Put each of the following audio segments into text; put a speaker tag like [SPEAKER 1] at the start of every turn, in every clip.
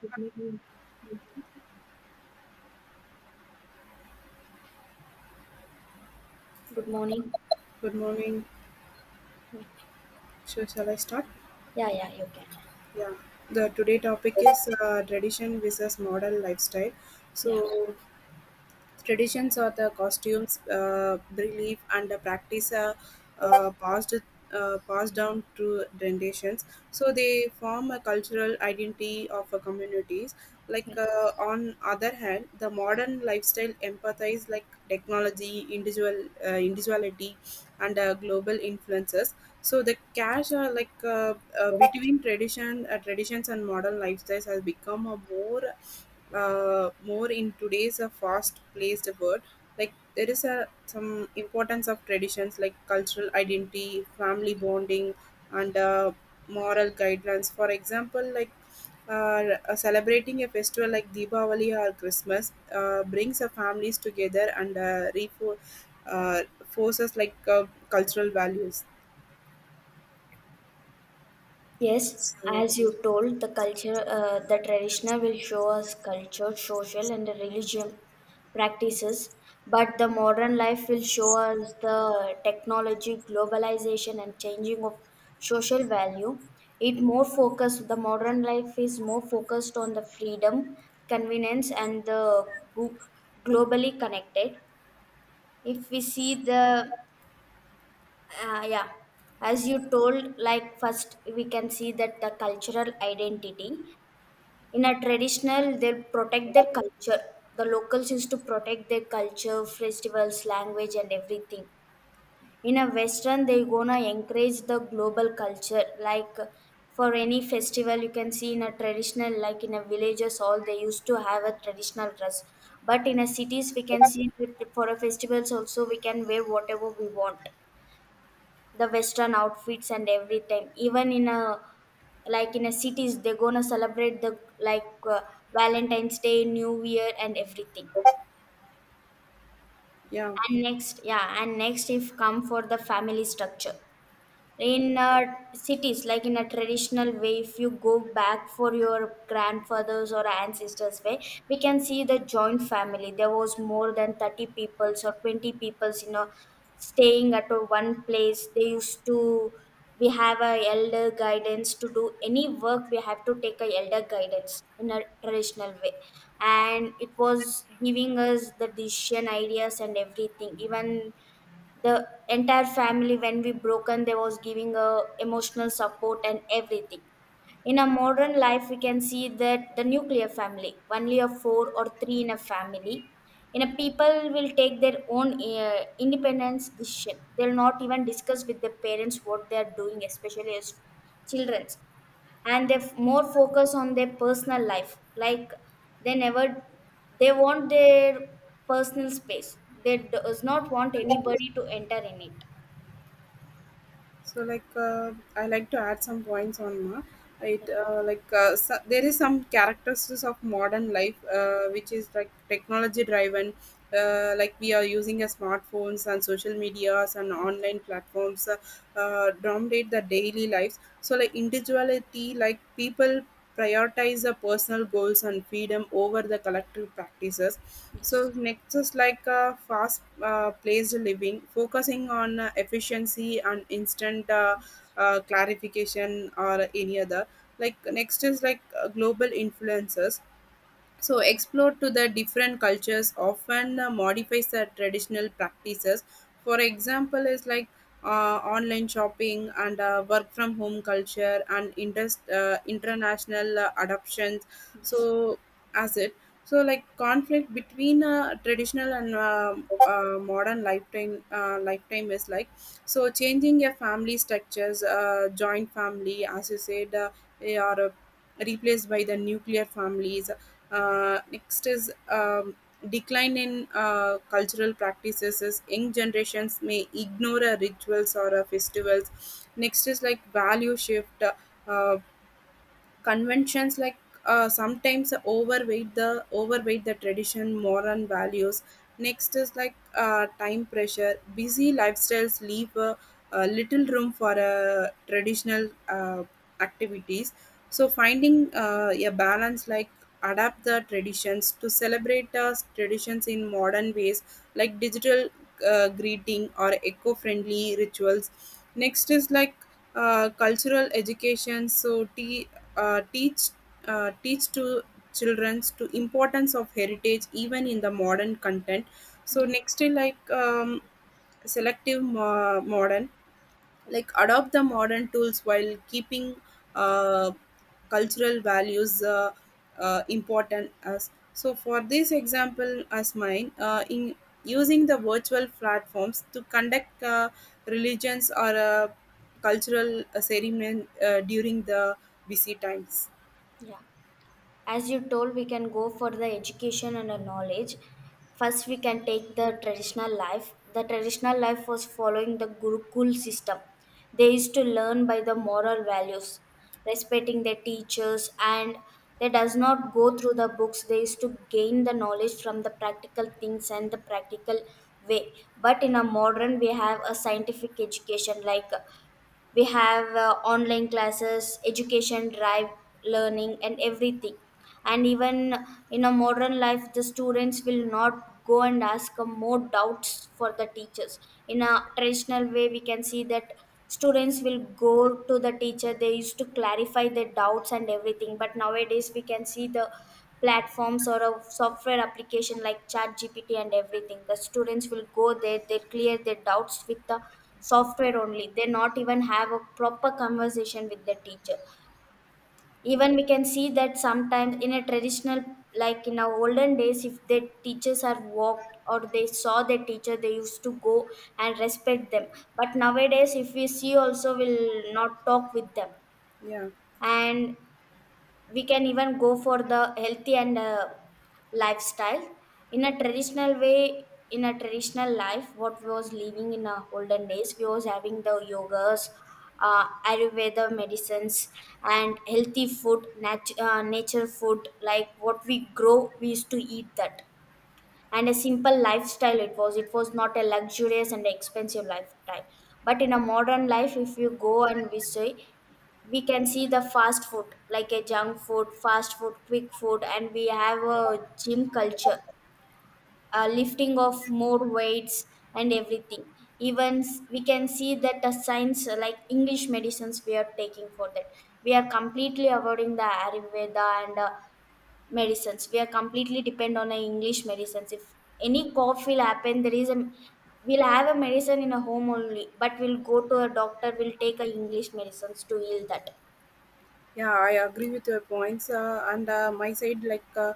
[SPEAKER 1] Good morning.
[SPEAKER 2] Good morning. So shall I start?
[SPEAKER 1] Yeah, yeah, you can.
[SPEAKER 2] Yeah. The today topic is tradition versus modern lifestyle. Yeah.
[SPEAKER 1] Yeah.
[SPEAKER 2] So traditions or the costumes, belief, and the practice are passed down through generations. So they form a cultural identity of a communities. Like
[SPEAKER 1] Yes.
[SPEAKER 2] on other hand, the modern lifestyle empathize like technology, individuality, and global influences. So the cash are like between traditions and modern lifestyles has become a more more in today's fast-paced world. Like there is a some importance of traditions like cultural identity, family bonding, and moral guidelines. For example, like celebrating a festival like Diwali or Christmas brings the families together and forces like cultural values.
[SPEAKER 1] Yes,
[SPEAKER 2] So
[SPEAKER 1] as you told, the culture, the traditional will show us culture, social, and the religion practices, but the modern life will show us the technology, globalization, and changing of social value. It more focused, the modern life is more focused on the freedom, convenience, and the glo- globally connected. If we see the yeah, as you told, like first we can see that the cultural identity in a traditional they protect their culture. The locals used to protect their culture, festivals, language, and everything. In a Western, they gonna encourage the global culture. Like for any festival, you can see in a traditional, like in a villages, all they used to have a traditional dress. But in a cities, we can see that for a festivals also we can wear whatever we want, the western outfits and everything, even in a, like in a cities they're gonna celebrate the, like, Valentine's Day, New Year, and everything.
[SPEAKER 2] yeah.
[SPEAKER 1] And next yeah and next if come for the family structure in, cities, like in a traditional way if you go back for your grandfathers or ancestors way we can see the joint family. There was more than 30 peoples or 20 peoples, staying at a one place. They used to, we have a elder guidance to do any work. We have to take a elder guidance in a traditional way, and it was giving us the decision, ideas, and everything. Even the entire family when we broken, they was giving a emotional support and everything. In a modern life we can see that the nuclear family, only a four or three in a family. In a people will take their own independence decision. They'll not even discuss with their parents what they are doing, especially as children. And they more focus on their personal life. Like, they never, they want their personal space. They does not want anybody to enter in it.
[SPEAKER 2] So I like to add some points on Ma. It like So, there is some characteristics of modern life which is like technology driven. Like we are using a smartphones and social medias and online platforms dominate the daily lives. So like individuality, like people prioritize the personal goals and freedom over the collective practices. So
[SPEAKER 1] Yes.
[SPEAKER 2] next is like a fast paced living, focusing on efficiency and instant clarification or any other. Like next is like global influences, so explore to the different cultures often modifies the traditional practices. For example is like online shopping and work from home culture and international adoptions. So as it, so like conflict between traditional and modern lifetime lifetime is like, so changing your family structures, joint family as you said are replaced by the nuclear families. Next is decline in cultural practices is young generations may ignore rituals or festivals. Next is like value shift. Uh, Conventions like sometimes overweight the tradition moral values. Next is like time pressure, busy lifestyles leave a little room for traditional activities. So finding a balance, like adapt the traditions to celebrate the traditions in modern ways, like digital greeting or eco-friendly rituals. Next is like cultural education, so uh, teach teach to children to importance of heritage even in the modern content. So next is like selective modern, like adopt the modern tools while keeping uh, cultural values important as. So for this example, as mine in using the virtual platforms to conduct religions or cultural ceremony during the busy times.
[SPEAKER 1] Yeah, as you told, we can go for the education and the knowledge. First, we can take the traditional life. The traditional life was following the gurukul system. They used to learn by the moral values, respecting their teachers, and they does not go through the books. They used to gain the knowledge from the practical things and the practical way. But in a modern we have a scientific education, like we have online classes, education, drive learning, and everything. And even in a modern life the students will not go and ask more doubts for the teachers. In a traditional way we can see that students will go to the teacher, they used to clarify their doubts and everything. But nowadays we can see the platforms or a software application like Chat GPT and everything. The students will go there, they clear their doubts with the software only. They not even have a proper conversation with the teacher. Even we can see that sometimes in a traditional, like in our olden days, if the teachers are walked or they saw the teacher, they used to go and respect them. But nowadays if we see also will not talk with them.
[SPEAKER 2] Yeah,
[SPEAKER 1] And we can even go for the healthy and, lifestyle. In a traditional way, in a traditional life, what we was living in our olden days, we was having the yogas, ayurveda medicines, and healthy food, nature food, like what we grow we used to eat that. And a simple lifestyle. It was not a luxurious and expensive lifestyle. But in a modern life, if you go and we see, we can see the fast food, like a junk food, fast food, quick food, and we have a gym culture, a lifting of more weights and everything. Even we can see that the science, like English medicines we are taking. For that we are completely avoiding the ayurveda and, medicines. We are completely depend on a English medicines. If any cough will happen, there is a, we'll have a medicine in a home only, but we'll go to a doctor, we'll take a English medicines to heal that.
[SPEAKER 2] yeah, I agree with your points, and my side like uh,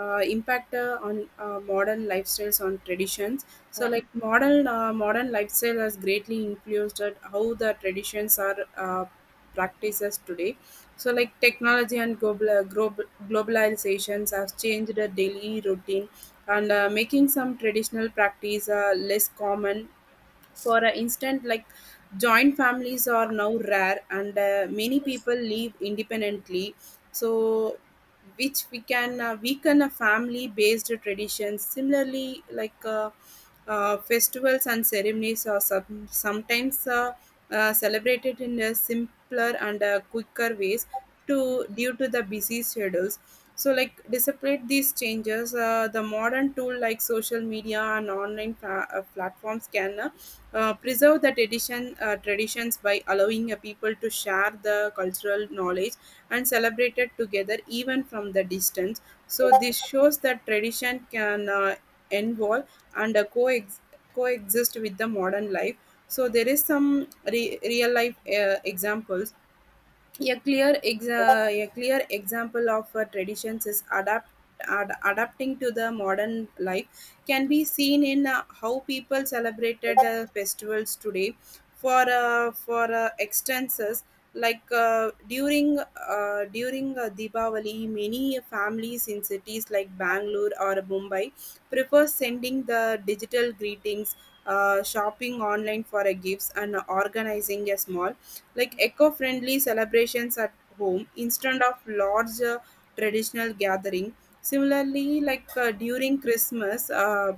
[SPEAKER 2] uh, impact on modern lifestyles on traditions. So
[SPEAKER 1] Yeah
[SPEAKER 2] like modern lifestyle has greatly influenced at how the traditions are practices today. So like technology and global globalizations have changed the daily routine and making some traditional practice less common.
[SPEAKER 1] Yes.
[SPEAKER 2] For a instance, like joint families are now rare, and many
[SPEAKER 1] Yes.
[SPEAKER 2] people live independently. So, which we can weaken a family-based traditions. Similarly, like festivals and ceremonies are sometimes celebrated in a simpler and quicker ways to due to the busy schedules. So like despite these changes, the modern tool like social media and online platforms can preserve the traditions by allowing a people to share the cultural knowledge and celebrate it together even from the distance. So this shows that tradition can involve and coexist with the modern life. So there is some real life examples. A a clear example of traditions is adapting to the modern life can be seen in how people celebrated festivals today. For extenses, like during Diwali, many families in cities like Bangalore or Mumbai prefer sending the digital greetings, shopping online for a gifts, and organizing a small, like eco-friendly celebrations at home instead of large traditional gathering. Similarly, like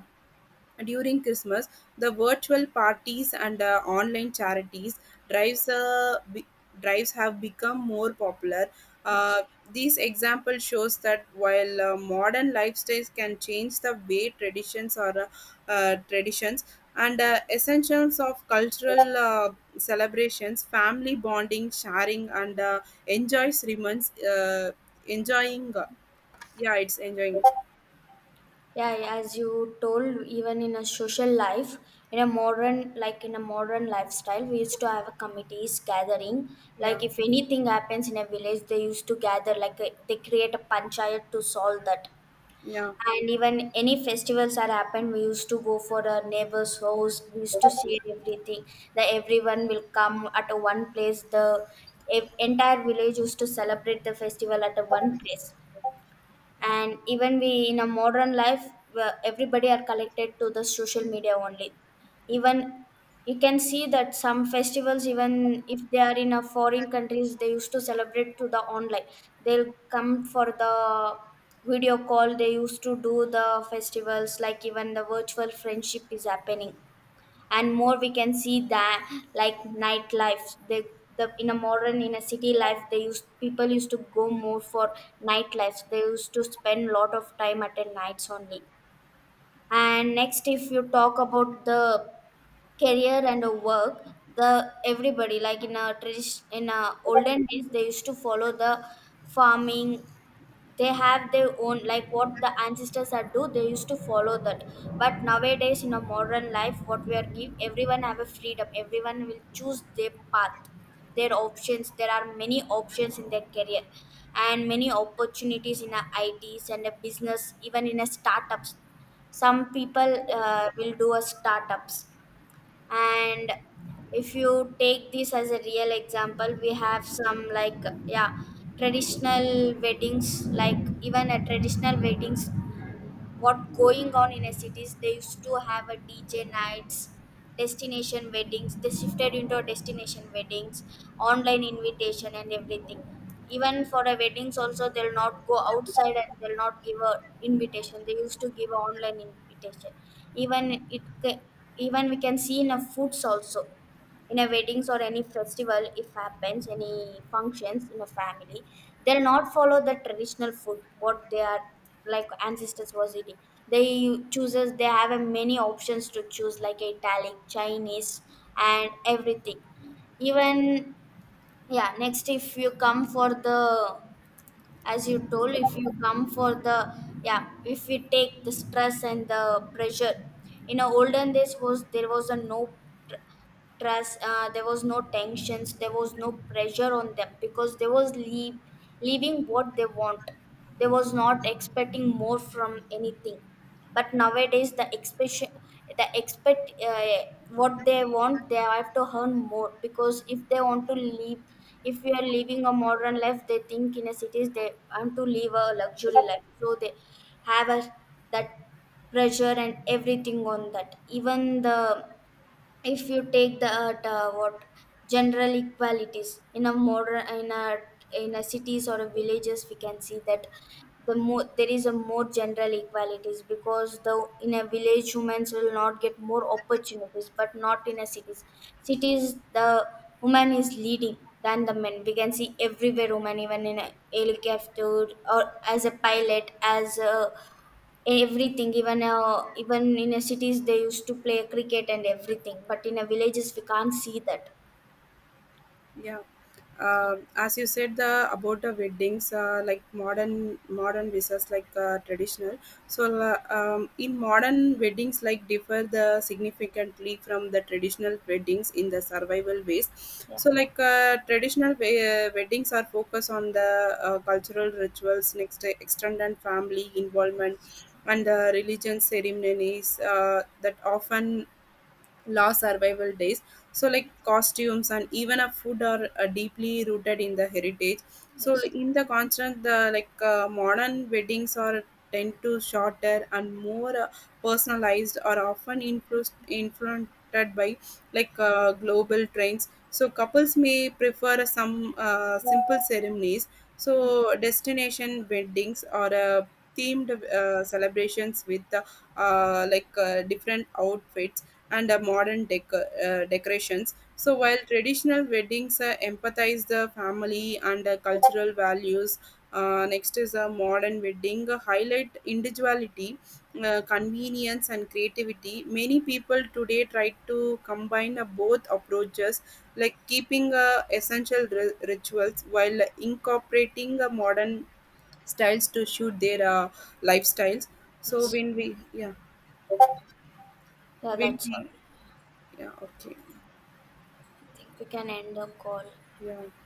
[SPEAKER 2] during Christmas, the virtual parties and online charities drives uh, be- drives have become more popular.
[SPEAKER 1] Yes.
[SPEAKER 2] Uh, this example shows that while modern lifestyles can change the way traditions and essentials of cultural celebrations, family bonding, sharing, and enjoys remains enjoying. Yeah, it's enjoying.
[SPEAKER 1] Yeah, yeah, as you told, even in a social life, in a modern, like in a modern lifestyle we used to have a committees gathering. Like
[SPEAKER 2] Yeah,
[SPEAKER 1] if anything happens in a village, they used to gather, they create a panchayat to solve that.
[SPEAKER 2] yeah.
[SPEAKER 1] And even any festivals are happened, we used to go for our neighbor's house, we used to share everything. That everyone will come at a one place, the entire village used to celebrate the festival at a one place. And even we, in a modern life where everybody are connected to the social media only. Even you can see that some festivals, even if they are in a foreign countries, they used to celebrate to the online. They'll come for the video call, they used to do the festivals, like even the virtual friendship is happening. And more we can see that, like nightlife. The in a modern, in a city life, they used people used to go more for nightlife. They used to spend a lot of time at the nights only. And next, if you talk about the career and a work, the everybody, like in a tradition, in a olden days they used to follow the farming. They have their own, like what the ancestors are do they used to follow that. But nowadays in a modern life, what we are give, everyone have a freedom, everyone will choose their path, their options. There are many options in their career, and many opportunities in a its and a business, even in a startups. Some people will do a startups. And if you take this as a real example, we have some like, yeah, traditional weddings. Like even a traditional weddings, what going on in a cities, they used to have a DJ nights, destination weddings. They shifted into a destination weddings, online invitation, and everything. Even for a weddings also they'll not go outside, and they'll not give a invitation, they used to give a online invitation. Even even we can see in a foods also. In a weddings or any festival if happens any functions in a family, they'll not follow the traditional food, what they are like ancestors was eating. They chooses, they have a many options to choose, like Italian, Chinese, and everything. Even, yeah, next, if you come for the, as you told, if you come for the, yeah, if we take the stress and the pressure, in our olden days was, there was a no tr- trust, there was no tensions, there was no pressure on them, because they was leaving what they want. They was not expecting more from anything. But nowadays the expectation, the expect what they want, they have to earn more, because if they want to live, if we are living a modern life, they think, in a cities they want to live a luxury life, so they have a, that pressure and everything on that. Even the, if you take the, what, general equalities in a modern, in a, in a cities or a villages, we can see that the more, there is a more general equalities, because the in a village humans will not get more opportunities, but not in a cities, the woman is leading than the men. We can see everywhere woman, even in a helicopter or as a pilot, as a everything. Even, even in a cities they used to play cricket and everything, but in a villages we can't see that.
[SPEAKER 2] Yeah. As you said the about the weddings, like modern visas, like traditional. In modern weddings like differ the significantly from the traditional weddings in the survival ways. So like weddings are focused on the cultural rituals, next extended family involvement and the religion ceremonies that often law survival days. So like costumes and even a food are deeply rooted in the heritage. So like, in the contrast, the like modern weddings are tend to shorter and more personalized, are often influenced by like global trends. So couples may prefer some simple ceremonies, so destination weddings or themed celebrations with different outfits and modern decorations. So while traditional weddings empathize the family and cultural values, next is a modern wedding highlight individuality, convenience, and creativity. Many people today try to combine both approaches, like keeping essential rituals while incorporating modern styles to suit their lifestyles. So
[SPEAKER 1] Yeah,
[SPEAKER 2] when
[SPEAKER 1] that's all,
[SPEAKER 2] we
[SPEAKER 1] I
[SPEAKER 2] yeah Okay.
[SPEAKER 1] think we can end the call.
[SPEAKER 2] Yeah.